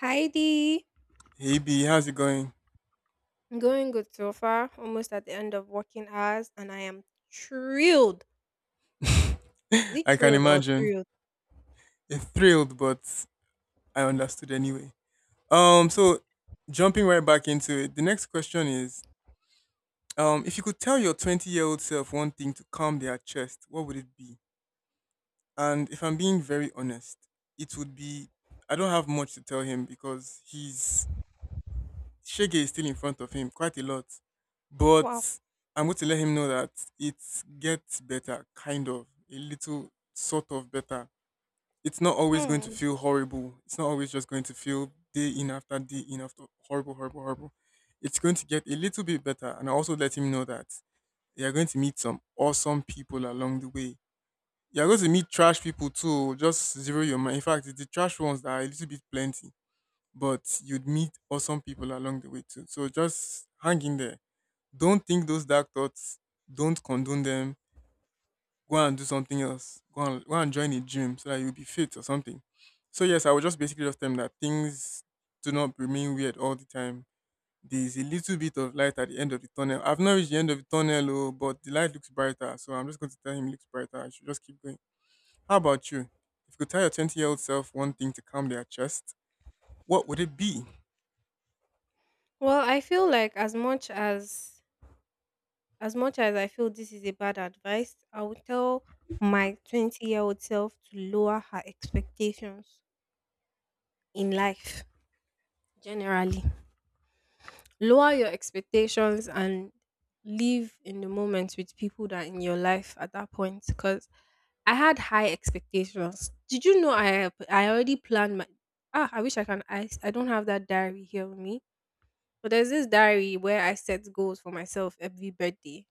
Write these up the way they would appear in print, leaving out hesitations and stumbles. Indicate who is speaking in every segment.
Speaker 1: Heidi,
Speaker 2: Hey B, how's it going?
Speaker 1: I'm going good so far. Almost at the end of working hours, and I am thrilled. Is it
Speaker 2: I can
Speaker 1: thrilled or
Speaker 2: imagine.
Speaker 1: thrilled?
Speaker 2: It thrilled, but I understood anyway. Um,
Speaker 1: Mm.
Speaker 2: so jumping right back into it, the next question is if you could tell your 20 year old self one thing to calm their chest, what would it be? And if I'm being very honest, it would be I don't have much to tell him because he's Shege is still in front of him quite a lot. But
Speaker 1: Wow.
Speaker 2: I'm going to let him know that it gets better, kind of, a little sort of better, it's not always going to
Speaker 1: Hmm.
Speaker 2: feel horrible. It's not always just going to feel day in after horrible, horrible, horrible. It's going to get a little bit better. And I also let him know that you're going to meet some awesome people along the way. You're going to meet trash people too. Just zero your mind. In fact, it's the trash ones that are a little bit plenty, but you'd meet awesome people along the way too. So just hang in there. Don't think those dark thoughts. Don't condone them, go and do something else. Go and join a gym so that you'll be fit or something. So yes, I would just basically just tell them that things do not remain weird all the time. There's a little bit of light at the end of the tunnel. I've not reached the end of the tunnel, oh, but the light looks brighter. So I'm just going to tell him it looks brighter. I should just keep going. How about you? If you could tell your 20-year-old self one thing to calm their chest, what would it be?
Speaker 1: Well, I feel like as much as I feel this is a bad advice, I would tell my 20- year old self to lower her expectations in life generally. Lower your expectations and live in the moment with people that are in your life at that point because I had high expectations. Did you know I already planned my ah I wish I can I don't have that diary here with me. But there's this diary where I set goals for myself every birthday.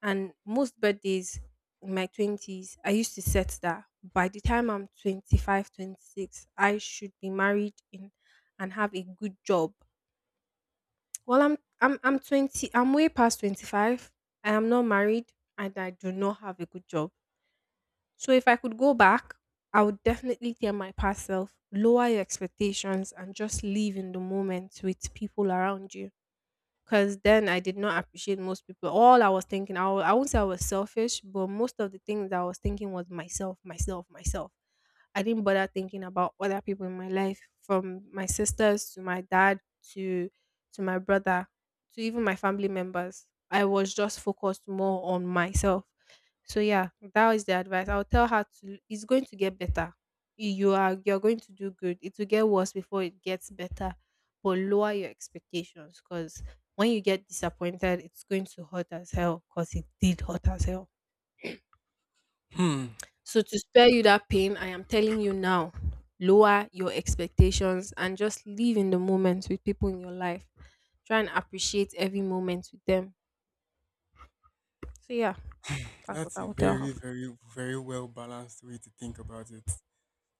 Speaker 1: And most birthdays in my 20s, I used to set that by the time I'm 25, 26, I should be married in, and have a good job. Well, I'm 20, I'm way past 25. I am not married and I do not have a good job. So if I could go back, I would definitely tell my past self, lower your expectations and just live in the moment with people around you because then I did not appreciate most people. All I was thinking, I won't say I was selfish, but most of the things I was thinking was myself, myself, myself. I didn't bother thinking about other people in my life, from my sisters to my dad to to my brother to even my family members. I was just focused more on myself. So yeah, that is the advice. I'll tell her to it's going to get better. You're going to do good. It will get worse before it gets better. But lower your expectations because when you get disappointed, it's going to hurt as hell because it did hurt as hell.
Speaker 2: Hmm.
Speaker 1: So, to spare you that pain, I am telling you now lower your expectations and just live in the moment with people in your life. Try and appreciate every moment with them. So, yeah, that's what
Speaker 2: That's a
Speaker 1: I would tell her.
Speaker 2: very, very, very well balanced way to think about it.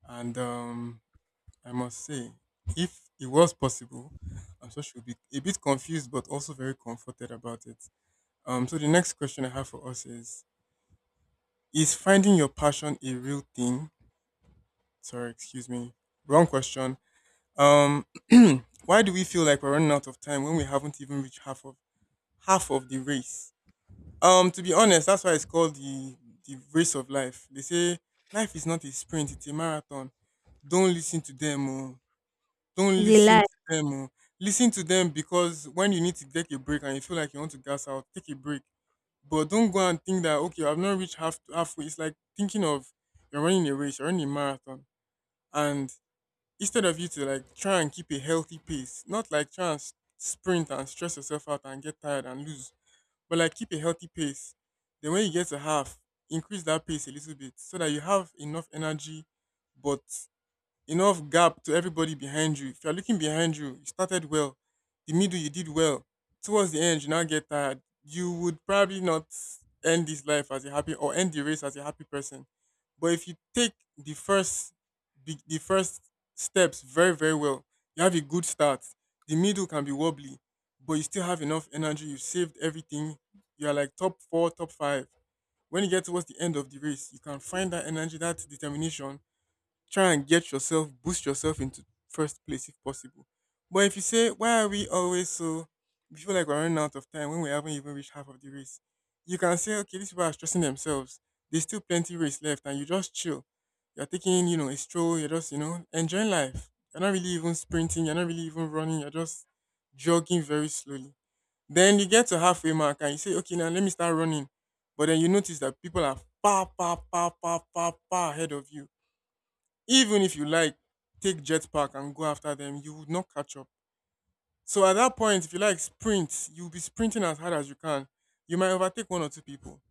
Speaker 2: And I must say, if it was possible, I'm sure she would be a bit confused but also very comforted about it. So the next question I have for us is finding your passion a real thing? Sorry, excuse me. Wrong question. Um why do we feel like we're running out of time when we haven't even reached half of the race? To be honest, that's why it's called the race of life. They say life is not a sprint, it's a marathon. Don't listen to them, oh. Don't
Speaker 1: Is it
Speaker 2: listen
Speaker 1: lie.
Speaker 2: to them, oh. Listen to them because when you need to take a break and you feel like you want to gas out, take a break. But don't go and think that okay, I've not reached half halfway. It's like thinking of, you're running a race, you're running a marathon, and instead of you to like try and keep a healthy pace, not like try and sprint and stress yourself out and get tired and lose, but like keep a healthy pace. Then when you get to half, increase that pace a little bit so that you have enough energy, but enough gap to everybody behind you. If you're looking behind you, you started well. The middle, you did well. Towards the end, you now get tired. You would probably not end this life as a happy or end the race as a happy person. But if you take the first, the first steps very, very well, you have a good start. The middle can be wobbly, but you still have enough energy. You've saved everything. You are like top four, top five. When you get towards the end of the race, you can find that energy, that determination, try and get yourself, boost yourself into first place if possible. But if you say, why are we always so, we feel like we're running out of time when we haven't even reached half of the race, you can say, okay, these people are stressing themselves. There's still plenty race left, and you just chill. You're taking, you know, a stroll. You're just, you know, enjoying life. You're not really even sprinting. You're not really even running. You're just jogging very slowly. Then you get to halfway mark and you say, okay, now let me start running. But then you notice that people are far, far, far, far, far, far ahead of you, even if you like take jetpack and go after them, you would not catch up. So at that point, if you like sprint, you'll be sprinting as hard as you can. You might overtake one or two people,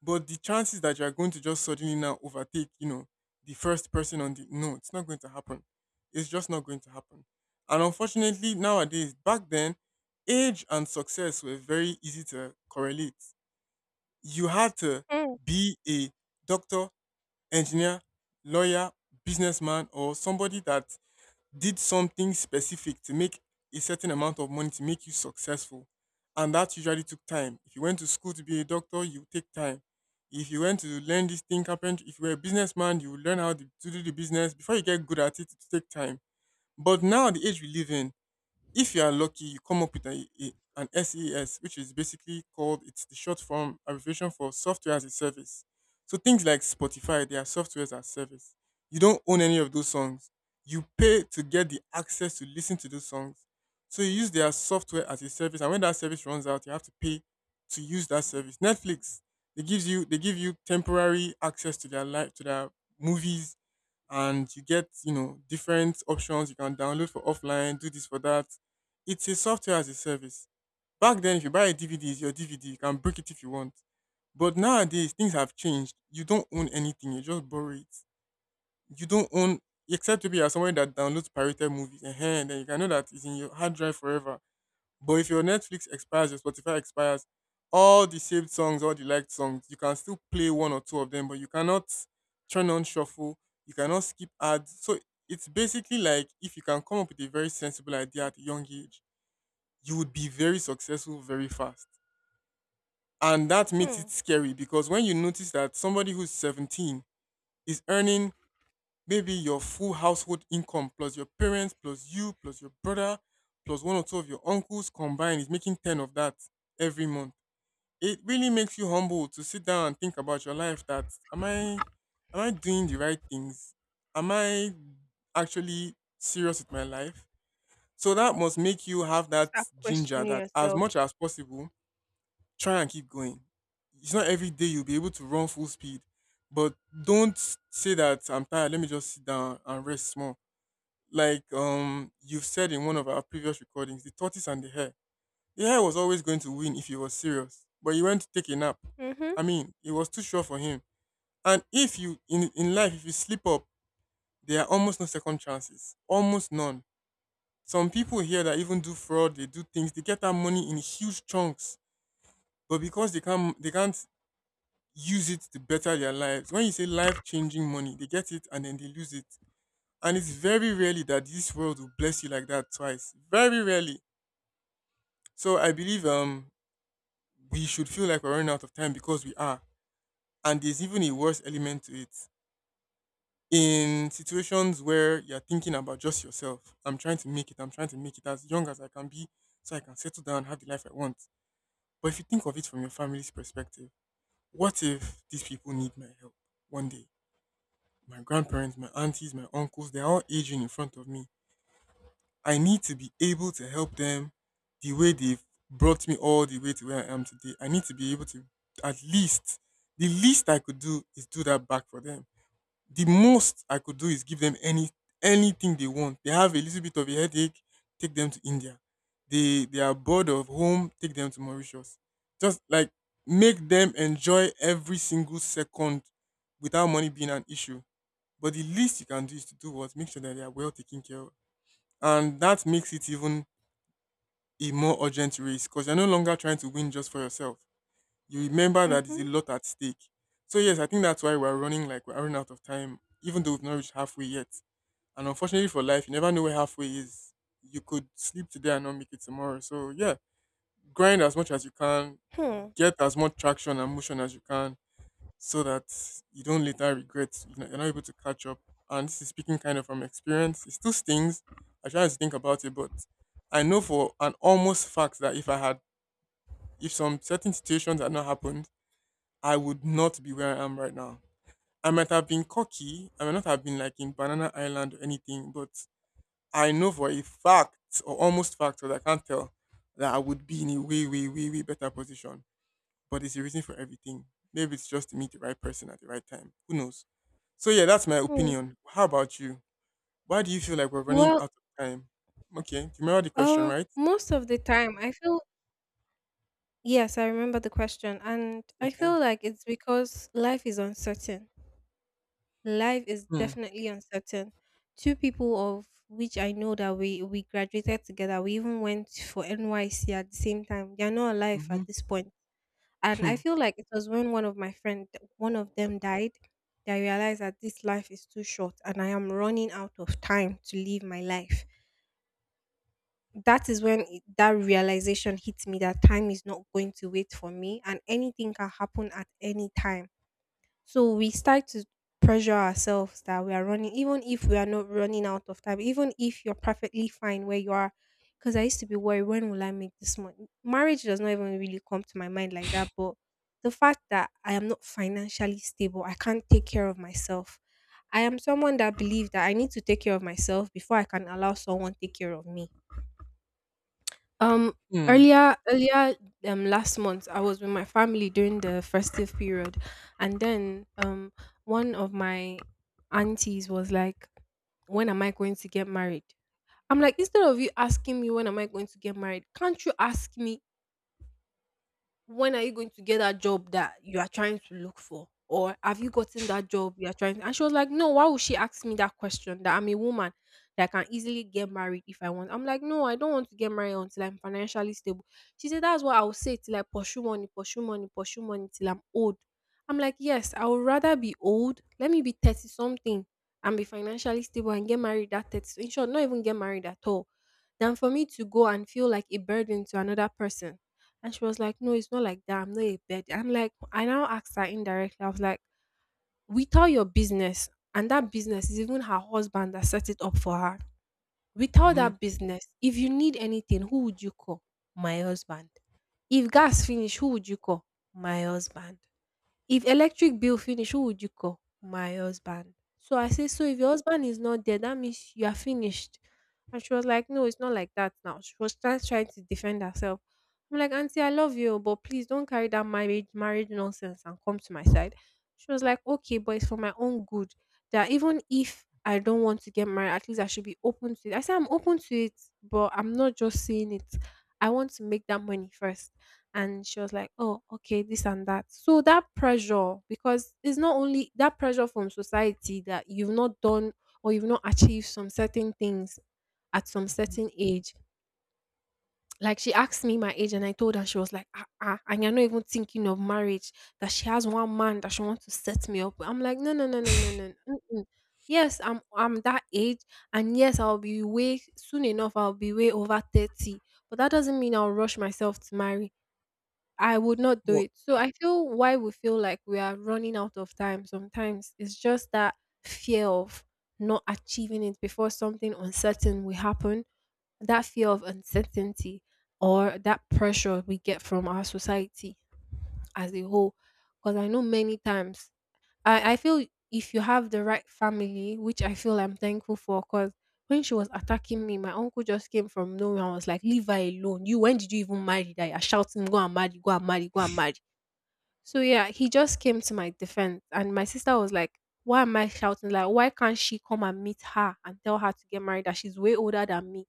Speaker 2: but the chances that you are going to just suddenly now overtake, you know, the first person on the, no, it's not going to happen. It's just not going to happen. And unfortunately, nowadays, back then, age and success were very easy to correlate. You had to
Speaker 1: Hmm.
Speaker 2: be a doctor, engineer, lawyer, businessman, or somebody that did something specific to make a certain amount of money to make you successful. And that usually took time. If you went to school to be a doctor, you take time. If you went to learn this thing, carpentry, if you were a businessman, you would learn how to do the business. Before you get good at it, it take time. But now, the age we live in, if you are lucky, you come up with an SES, which is basically called, it's the short form abbreviation for software as a service. So things like Spotify, they are software as a service. You don't own any of those songs. You pay to get the access to listen to those songs. So you use their software as a service, and when that service runs out, you have to pay to use that service. Netflix, they give you temporary access to their life to their movies, and you get, you know, different options, you can download for offline, do this, for that, it's a software as a service. Back then if you buy a DVD, it's your DVD, you can break it if you want. But nowadays things have changed, you don't own anything, you just borrow it. You don't own, except to be as someone that downloads pirated movies and then you can know that it's in your hard drive forever. But if your Netflix expires, your Spotify expires, all the saved songs, all the liked songs, you can still play one or two of them, but you cannot turn on shuffle. You cannot skip ads. So it's basically like if you can come up with a very sensible idea at a young age, you would be very successful very fast. And that makes
Speaker 1: Hmm.
Speaker 2: it scary because when you notice that somebody who's 17 is earning maybe your full household income plus your parents plus you plus your brother plus one or two of your uncles combined is making 10 of that every month, it really makes you humble to sit down and think about your life, that am I doing the right things, am I actually serious with my life. So that must make you have that
Speaker 1: Start
Speaker 2: ginger,
Speaker 1: questioning
Speaker 2: that as
Speaker 1: yourself.
Speaker 2: much as possible, try and keep going. It's not every day you'll be able to run full speed, but don't say that I'm tired, let me just sit down and rest small, like, you've said in one of our previous recordings, the tortoise and the hare. The hare was always going to win if he was serious, but he went to take a nap.
Speaker 1: Mm-hmm.
Speaker 2: I mean, it was too sure for him. And if you, in life, if you slip up, there are almost no second chances, almost none. Some people here that even do fraud, they do things, they get that money in huge chunks, but because they can't use it to better their lives. When you say life changing money, they get it and then they lose it. And it's very rarely that this world will bless you like that twice. Very rarely. So I believe we should feel like we're running out of time because we are. And there's even a worse element to it. In situations where you're thinking about just yourself, I'm trying to make it as young as I can be so I can settle down, have the life I want. But if you think of it from your family's perspective, what if these people need my help one day? My grandparents, my aunties, my uncles, they're all aging in front of me. I need to be able to help them the way they've brought me all the way to where I am today. I need to be able to, at least, the least I could do is do that back for them. The most I could do is give them anything they want. They have a little bit of a headache, take them to India. They are bored of home, take them to Mauritius. Just like make them enjoy every single second without money being an issue. But the least you can do is to do what? Make sure that they are well taken care of and that makes it even a more urgent race because you're no longer trying to win just for yourself. You remember that there's a
Speaker 1: Mm-hmm.
Speaker 2: lot at stake. So yes, I think that's why we're running like we're running out of time, even though we've not reached halfway yet. And unfortunately for life, you never know where halfway is. You could sleep today and not make it tomorrow. So yeah, grind as much as you can,
Speaker 1: Hmm.
Speaker 2: get as much traction and motion as you can, so that you don't later regret, you're not able to catch up. And this is speaking kind of from experience. It still stings. I try not to think about it, but I know for an almost fact that if some certain situations had not happened, I would not be where I am right now. I might have been cocky, I might not have been like in Banana Island or anything, but I know for a fact or almost fact, because I can't tell, that I would be in a way, way, way, way better position, but it's a reason for everything. Maybe it's just to meet the right person at the right time. Who knows? So yeah, that's my
Speaker 1: Hmm.
Speaker 2: opinion. How about you? Why do you feel like we're running
Speaker 1: Well,
Speaker 2: out of time? Okay, do you remember the question, right?
Speaker 1: most of the time, I feel yes, I remember the question, and I
Speaker 2: Okay.
Speaker 1: feel like it's because life is uncertain. Life is
Speaker 2: Hmm.
Speaker 1: definitely uncertain. Two people of which I know that we graduated together. We even went for NYC at the same time. They are not alive
Speaker 2: Mm-hmm.
Speaker 1: at this point. And I
Speaker 2: Hmm.
Speaker 1: feel like it was when one of my friend, one of them died, that I realized that this life is too short and I am running out of time to live my life. That is when that realization hits me that time is not going to wait for me and anything can happen at any time. So we start to pressure ourselves that we are running, even if we are not running out of time, even if you're perfectly fine where you are. Because I used to be worried, when will I make this money? Marriage does not even really come to my mind like that. But the fact that I am not financially stable, I can't take care of myself. I am someone that believes that I need to take care of myself before I can allow someone take care of me. Um,
Speaker 2: Hmm.
Speaker 1: earlier, last month, I was with my family during the festive period, and then one of my aunties was like, "When am I going to get married?" I'm like, instead of you asking me when am I going to get married, can't you ask me when are you going to get that job that you are trying to look for? Or have you gotten that job you are trying? To? And she was like, no, why would she ask me that question that I'm a woman that can easily get married if I want? I'm like, no, I don't want to get married until I'm financially stable. She said, that's what I will say till I pursue money, pursue money, pursue money till I'm old. I'm like, yes, I would rather be old. Let me be 30 something and be financially stable and get married at 30. In short, not even get married at all than for me to go and feel like a burden to another person. And she was like, no, it's not like that. I'm not a bed. I'm like, I now asked her indirectly. I was like, without your business, and that business is even her husband that set it up for her. Without
Speaker 2: Mm-hmm.
Speaker 1: that business, if you need anything, who would you call? My husband. If gas finish, who would you call? My husband. If electric bill finish, who would you call? My husband. So I say, so if your husband is not there, that means you are finished. And she was like, no, it's not like that now. She was trying to defend herself. I'm like, auntie, I love you, but please don't carry that marriage marriage nonsense and come to my side. She was like, okay, but it's for my own good. That even if I don't want to get married, at least I should be open to it. I said I'm open to it, but I'm not just saying it. I want to make that money first and she was like, "Oh, okay, this and that." So that pressure, because it's not only that pressure from society that you've not done or you've not achieved some certain things at some
Speaker 2: Mm-hmm.
Speaker 1: certain age. Like she asked me my age, and I told her she was like, "Ah, ah," and you're not even thinking of marriage. That she has one man that she wants to set me up. With." I'm like, no, no, no, no, no, no. no, mm-mm. Yes, I'm that age, and yes, I'll be way soon enough. I'll be way over 30, but that doesn't mean I'll rush myself to marry I would not do
Speaker 2: Well,
Speaker 1: it. So I feel why we feel like we are running out of time sometimes it's just that fear of not achieving it before something uncertain will happen, that fear of uncertainty or that pressure we get from our society as a whole. Because I know many times I feel if you have the right family, which I feel I'm thankful for, because when she was attacking me, my uncle just came from nowhere and was like, leave her alone. You, when did you even marry that? You're shouting, go and marry, go and marry, go and marry. So, yeah, he just came to my defense. And my sister was like, why am I shouting? Like, why can't she come and meet her and tell her to get married? That she's way older than me.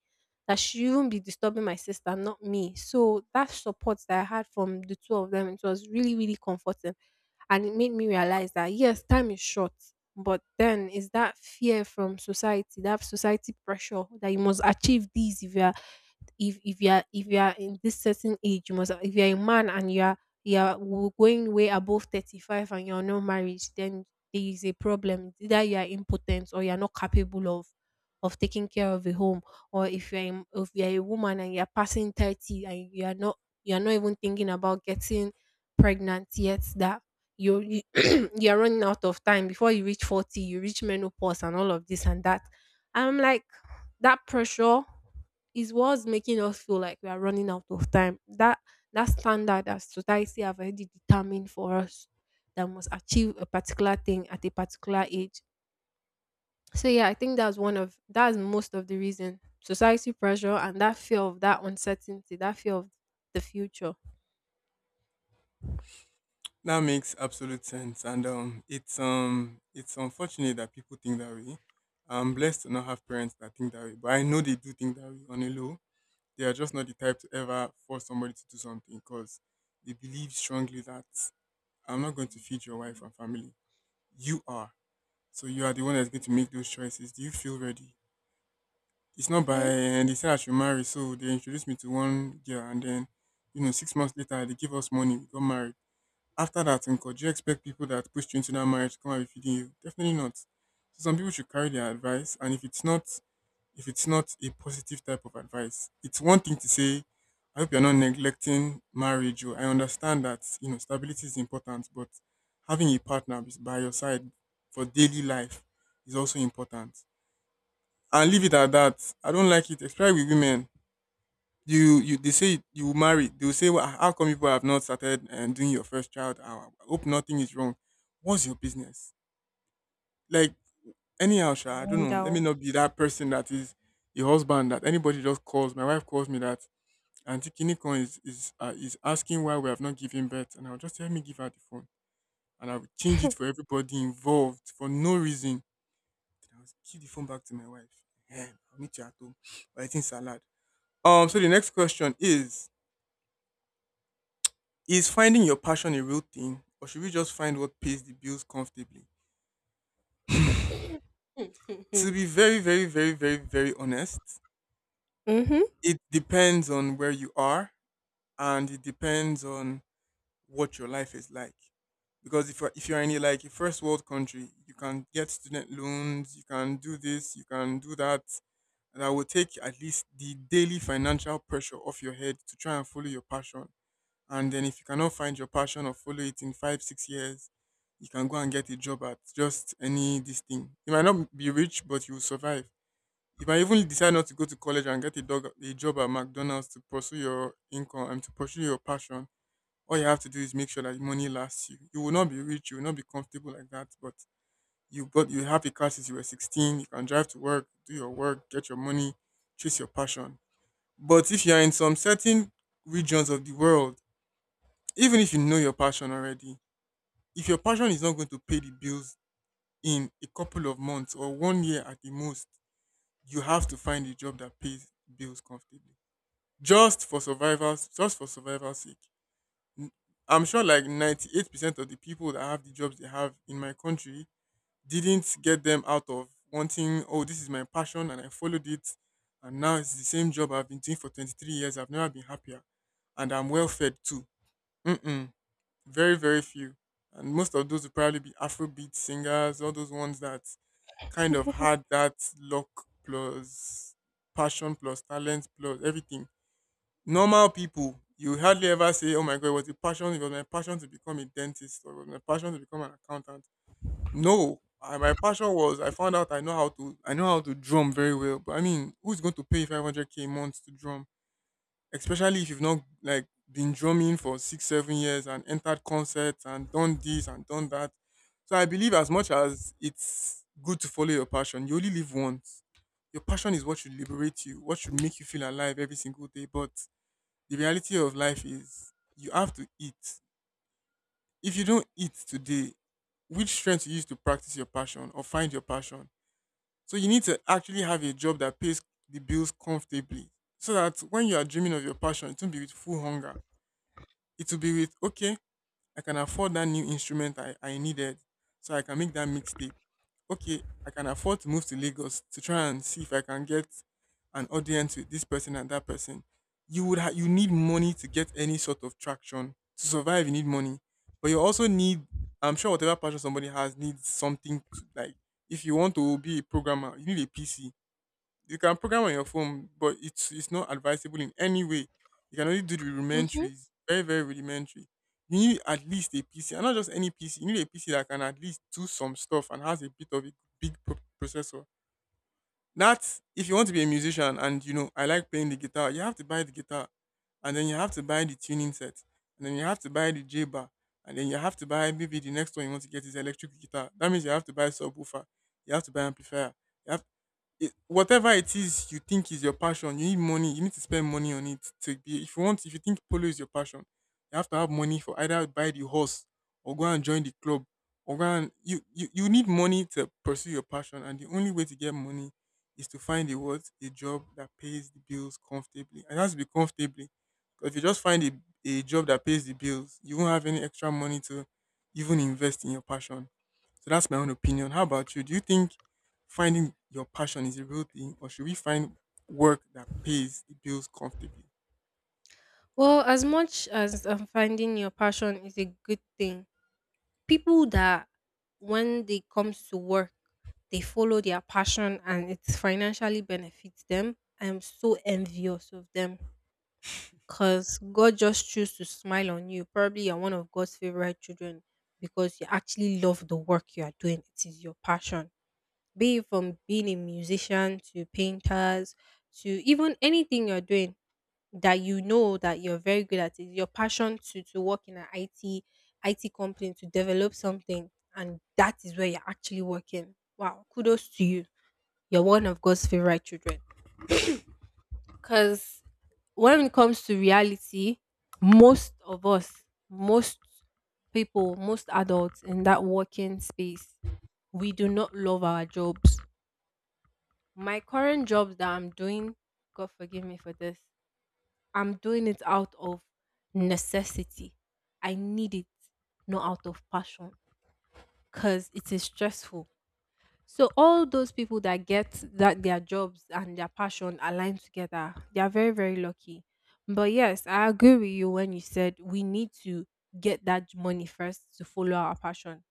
Speaker 1: That she shouldn't be disturbing my sister, not me. So, that support that I had from the two of them, it was really, really comforting and it made me realize that yes, time is short, but then it's that fear from society, that society pressure that you must achieve this if you are in this certain age, you must if you're a man and going way above 35 and you're not married, then there is a problem. It's either you are impotent or you're not capable of taking care of a home, or if you're a woman and you're passing 30 and you're not even thinking about getting pregnant yet that you, you you're running out of time before you reach 40 you reach menopause and all of this and that. I'm like that pressure is what's making us feel like we are running out of time. That standard that society have already determined for us that must achieve a particular thing at a particular age. So yeah, I think that's most of the reason. Society pressure and that fear of that uncertainty, that fear of the future.
Speaker 2: that makes absolute sense, and it's unfortunate that people think that way. I'm blessed to not have parents that think that way, but I know they do think that way on a low. They are just not the type to ever force somebody to do something because they believe strongly that I'm not going to feed your wife and family. You are. So you are the one that's going to make those choices. Do you feel ready? It's not by
Speaker 1: Hmm.
Speaker 2: and they said I should marry, so they introduced me to one girl and then, 6 months later they give us money, we got married. After that, uncle, do you expect people that pushed you into that marriage to come and be feeding you? Definitely not. So some people should carry their advice and if it's not a positive type of advice. It's one thing to say, I hope you're not neglecting marriage. Or I understand that, stability is important, but having a partner is by your side for daily life is also important. And leave it at that. I don't like it, especially with women. They say you will marry. They will say, well, how come people have not started and doing your first child? I hope nothing is wrong. What's your business? Like, anyhow,
Speaker 1: I
Speaker 2: sha, I don't know. Let me
Speaker 1: wonder.
Speaker 2: not be that person that is a husband that anybody just calls. My wife calls me that Auntie Kinikon is asking why we have not given birth, and I'll just tell me give her the phone, and I will change it for everybody involved for no reason. Then I'll give the phone back to my wife. Yeah, I'll meet you at home. We're eating salad. So the next question is finding your passion a real thing, or should we just find what pays the bills comfortably? To be very, very, very, very, very honest,
Speaker 1: Mhm.
Speaker 2: it depends on where you are and it depends on what your life is like. Because if you're in a, like a first world country, you can get student loans, you can do this, you can do that, and that will take at least the daily financial pressure off your head to try and follow your passion. And then if you cannot find your passion or follow it in 5 6 years, you can go and get a job at just any this thing. You might not be rich, but you will survive. You might even decide not to go to college and get a job at McDonald's to pursue your income and to pursue your passion. All you have to do is make sure that money lasts you. You will not be rich, you will not be comfortable like that, but you have a car since you were 16, you can drive to work, do your work, get your money, chase your passion. But if you are in some certain regions of the world, even if you know your passion already, if your passion is not going to pay the bills in a couple of months or one year at the most, you have to find a job that pays bills comfortably. Just for survivors, just for survival's sake. n- I'm sure like 98% of the people that have the jobs they have in my country didn't get them out of wanting, oh, this is my passion and I followed it. And now it's the same job I've been doing for 23 years. I've never been happier. And I'm well fed too. Mm-mm. Very, very few. And most of those will probably be Afrobeat singers, all those ones that kind of had that luck plus passion plus talent plus everything. Normal people, you hardly ever say, "Oh my God, it was a passion. It was my passion to become a dentist, or it was my passion to become an accountant." No, I, my passion was I found out I know how to drum very well. But I mean, who's going to pay you 500K a month to drum, especially if you've not like been drumming for 6 7 years and entered concerts and done this and done that. So I believe as much as it's good to follow your passion, you only live once. Your passion is what should liberate you, what should make you feel alive every single day. But the reality of life is you have to eat. If you don't eat today, which strength you use to practice your passion or find your passion? So you need to actually have a job that pays the bills comfortably. So that when you are dreaming of your passion, it won't be with full hunger. It will be with, okay, I can afford that new instrument I needed, so I can make that mixtape. Okay, I can afford to move to Lagos to try and see if I can get an audience with this person and that person. You would you need money to get any sort of traction to survive. You need money, but you also need. I'm sure whatever passion somebody has needs something to like. If you want to be a programmer, you need a PC. You can program on your phone, but it's not advisable in any way. You can only do the
Speaker 1: Hmm.
Speaker 2: rudimentaries, very very rudimentary. You need at least a PC, and not just any PC. You need a PC that can at least do some stuff and has a bit of a big processor. That's if you want to be a musician and I like playing the guitar, you have to buy the guitar, and then you have to buy the tuning set, and then you have to buy the J bar, and then you have to buy maybe the next one you want to get is electric guitar. That means you have to buy subwoofer, you have to buy amplifier, you have it, whatever it is you think is your passion, you need money. You need to spend money on it to be. If you think polo is your passion, you have to have money for either buy the horse or go and join the club or go and you need money to pursue your passion. And the only way to get money is to find a what a job that pays the bills comfortably. And it has to be comfortably. 'Cause if you just find a job that pays the bills, you won't have any extra money to even invest in your passion. So that's my own opinion. How about you? Do you think finding your passion is a real thing, or should we find work that pays the bills comfortably?
Speaker 1: Well, as much as finding your passion is a good thing, people that when they comes to work, they follow their passion and it financially benefits them. I'm so envious of them because God just choose to smile on you. Probably you're one of God's favorite children because you actually love the work you are doing. It is your passion. Be it from being a musician to painters to even anything you're doing that you know that you're very good at it, your passion to work in an IT company to develop something, and that is where you're actually working. Wow, kudos to you. You're one of God's favorite children. Because when it comes to reality, most of us, most people, most adults in that working space, we do not love our jobs. My current jobs that I'm doing, God forgive me for this, I'm doing it out of necessity. I need it, not out of passion, because it is stressful. So all those people that get that their jobs and their passion aligned together, they are very, very lucky. But yes, I agree with you when you said we need to get that money first to follow our passion.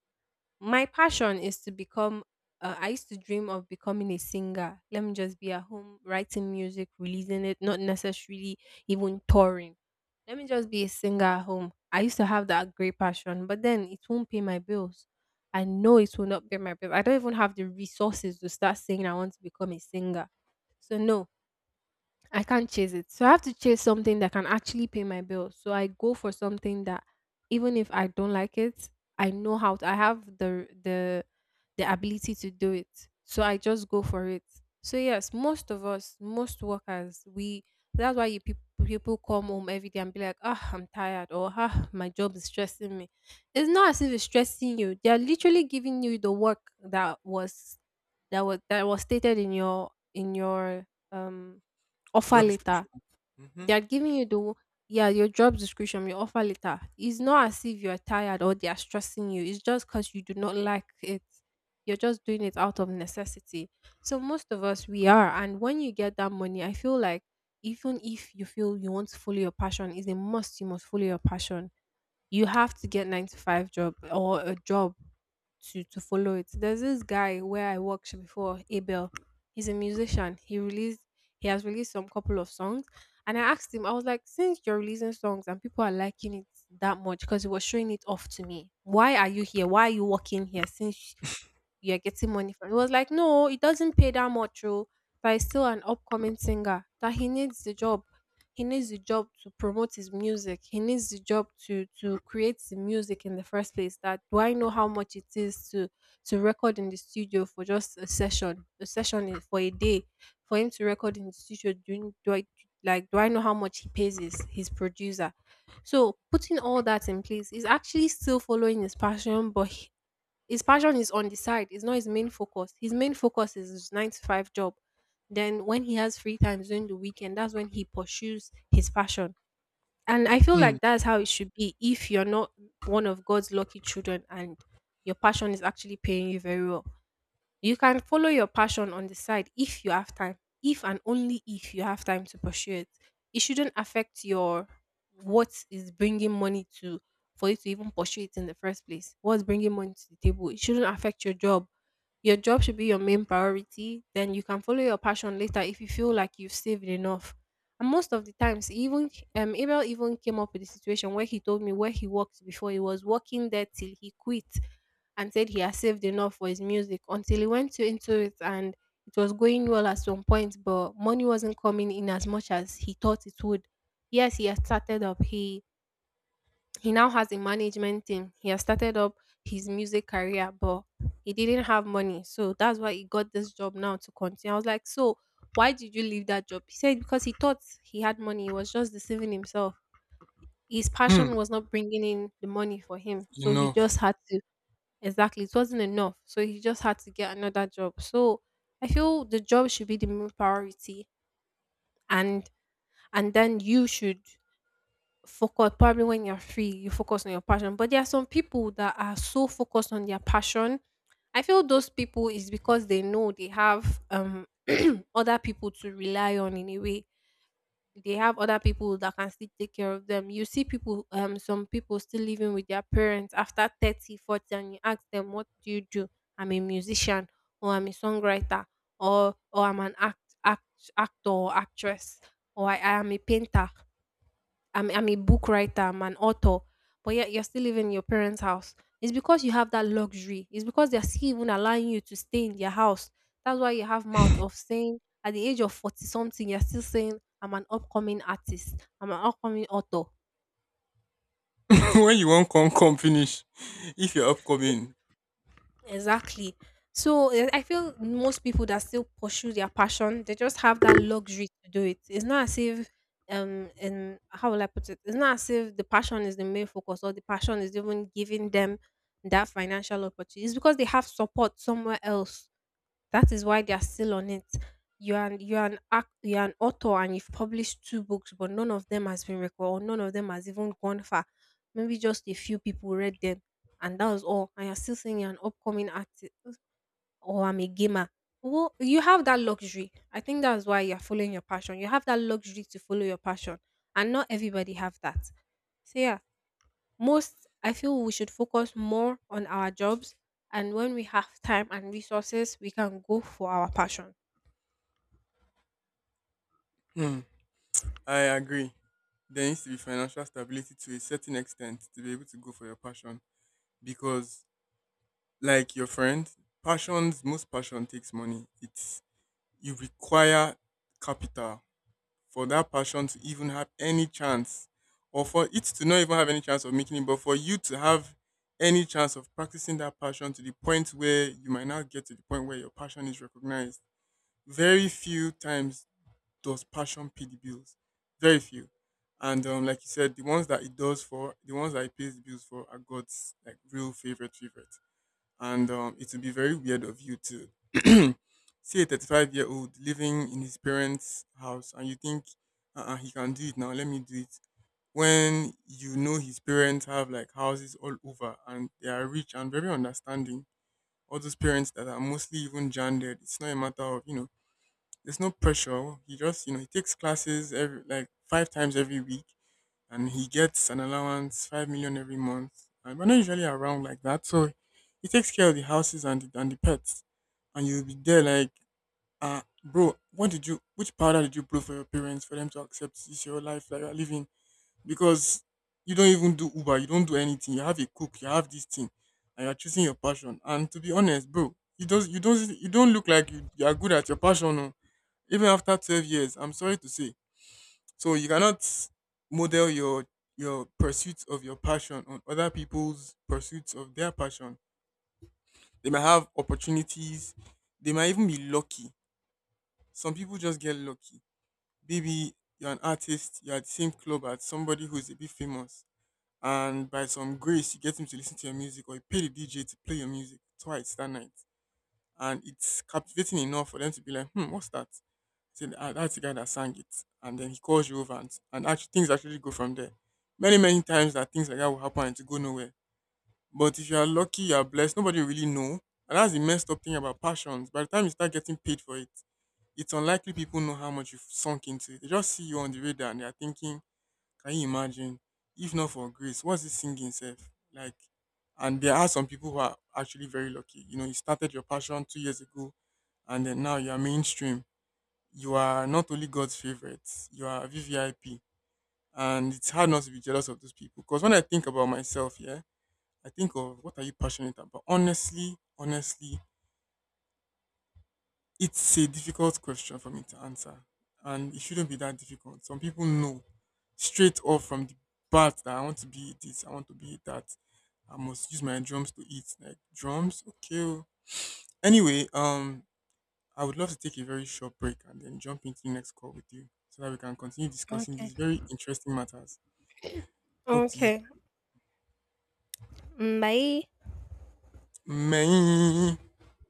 Speaker 1: My passion is to become. I used to dream of becoming a singer. Let me just be at home writing music, releasing it, not necessarily even touring. Let me just be a singer at home. I used to have that great passion, but then it won't pay my bills. I know it will not pay my bills. I don't even have the resources to start saying I want to become a singer. So no, I can't chase it. So I have to chase something that can actually pay my bills. So I go for something that, even if I don't like it, I know how to, I have the ability to do it. So I just go for it. So yes, most of us, most workers, we, that's why you people come home every day and be like, ah, I'm tired, or ah, my job is stressing me. It's not as if it's stressing you. They are literally giving you the work that was that was stated in your um offer
Speaker 2: Job
Speaker 1: letter.
Speaker 2: description. Mm-hmm.
Speaker 1: They are giving you the yeah, your job description, your offer letter. It's not as if you're tired or they are stressing you. It's just because you do not like it. You're just doing it out of necessity. So most of us we are. And when you get that money, I feel like even if you feel you want to follow your passion, it's a must you must follow your passion. You have to get nine to five job or a job to follow it. There's this guy where I worked before, Abel. He's a musician. He has released some couple of songs. And I asked him, I was like, since you're releasing songs and people are liking it that much, because he was showing it off to me. Why are you here? Why are you working here? Since you're getting money from. He was like, no, it doesn't pay that much, oh, but he's still an upcoming singer. That he needs the job. He needs the job to promote his music. He needs the job to create the music in the first place. That do I know how much it is to record in the studio for just a session is for a day, for him to record in the studio. Doing do I like do I know how much he pays his producer? So putting all that in place is actually still following his passion, but his passion is on the side. It's not his main focus. His main focus is his nine to five job. Then when he has free time during the weekend, that's when he pursues his passion. And I feel
Speaker 2: Hmm.
Speaker 1: like that's how it should be if you're not one of God's lucky children and your passion is actually paying you very well. You can follow your passion on the side if you have time, if and only if you have time to pursue it. It shouldn't affect your, what is bringing money to, for you to even pursue it in the first place. What's bringing money to the table? It shouldn't affect your job. Your job should be your main priority, then you can follow your passion later if you feel like you've saved enough. And most of the times, he even Abel even came up with a situation where he told me where he worked before. He was working there till he quit and said he has saved enough for his music until he went into it, and it was going well at some point, but money wasn't coming in as much as he thought it would. Yes, he had started up. He now has a management team. He has started up his music career, but he didn't have money. So that's why he got this job now to continue. I was like, so why did you leave that job? He said, because he thought he had money. He was just deceiving himself. His
Speaker 2: Hmm.
Speaker 1: passion was not bringing in the money for him. So he
Speaker 2: Enough.
Speaker 1: just had to, exactly, it wasn't enough. So he just had to get another job. So I feel the job should be the main priority. And and then you should focus, probably when you're free you focus on your passion. But there are some people that are so focused on their passion. I feel those people is because they know they have other people to rely on, in a way. They have other people that can still take care of them. You see people, some people still living with their parents after 30 40, and you ask them, what do you do? I'm a musician, or I'm a songwriter, or I'm an actor or actress, or I am a painter, I'm a book writer, I'm an author, but yet you're still living in your parents' house. It's because you have that luxury. It's because they're still even allowing you to stay in their house. That's why you have mouth of saying at the age of 40 something, you're still saying, I'm an upcoming artist, I'm an upcoming author.
Speaker 2: When you won't come, come finish. If you're upcoming.
Speaker 1: Exactly. So I feel most people that still pursue their passion, they just have that luxury to do it. It's not as if and how will I put it? It's not as if the passion is the main focus or the passion is even giving them that financial opportunity. It's because they have support somewhere else, that is why they are still on it. You are an act, you are an author and you've published two books, but none of them has been recorded, or none of them has even gone far. Maybe just a few people read them, and that was all. And you're still saying you're an upcoming artist, or I'm a gamer. Well, you have that luxury. I think that's why you're following your passion. You have that luxury to follow your passion, and not everybody have that. So yeah, most, I feel we should focus more on our jobs, and when we have time and resources, we can go for our passion.
Speaker 2: Hmm. I agree. There needs to be financial stability to a certain extent to be able to go for your passion. Because, like your friend, passions, most passion takes money. It's you require capital for that passion to even have any chance or for it to not even have any chance of making it, but for you to have any chance of practicing that passion to the point where you might not get to the point where your passion is recognized. Very few times does passion pay the bills. Very few. And Like you said, the ones that it does for, the ones that it pays the bills for are God's like real favorite, and it would be very weird of you to see a 35-year-old living in his parents' house, and you think uh-uh, he can do it now, let me do it. When you know his parents have like houses all over and they are rich and very understanding, all those parents that are mostly even gendered, it's not a matter of, you know, there's no pressure. He just, you know, he takes classes every like five times every week, and he gets an allowance 5 million every month. And we're not usually around like that, so he takes care of the houses and the pets. And you'll be there like, ah, bro, what did you? Which powder did you blow for your parents for them to accept this your life that you're living? Because you don't even do Uber, you don't do anything. You have a cook, you have this thing, and you're choosing your passion. And to be honest, bro, you don't look like you are good at your passion. Oh. Even after 12 years, I'm sorry to say, so you cannot model your pursuit of your passion on other people's pursuits of their passion. They might have opportunities. They might even be lucky. Some people just get lucky. Maybe you're an artist, you're at the same club as somebody who's a bit famous, and by some grace, you get him to listen to your music, or you pay the DJ to play your music twice that night. And it's captivating enough for them to be like, hmm, what's that? So that's the guy that sang it. And then he calls you over and actually things actually go from there. Many, many times that things like that will happen and to go nowhere. But if you are lucky, you are blessed, nobody will really know. And that's the messed up thing about passions. By the time you start getting paid for it, it's unlikely people know how much you've sunk into it. They just see you on the radar and they are thinking, can you imagine? If not for grace, what's this singing self? Like, and there are some people who are actually very lucky. You know, you started your passion two years ago, and then now you are mainstream, you are not only God's favorite, you are VVIP. And it's hard not to be jealous of those people. Because when I think about myself, yeah, I think of what are you passionate about? Honestly, honestly, it's a difficult question for me to answer. And it shouldn't be that difficult. Some people know straight off from the bat that I want to be this, I want to be that. I must use my drums to eat. Like drums, okay. Oh. Anyway, I would love to take a very short break and then jump into the next call with you so that we can continue discussing
Speaker 1: Okay.
Speaker 2: these very interesting matters. Talk to you,
Speaker 1: Okay. Mm, bye.
Speaker 2: man.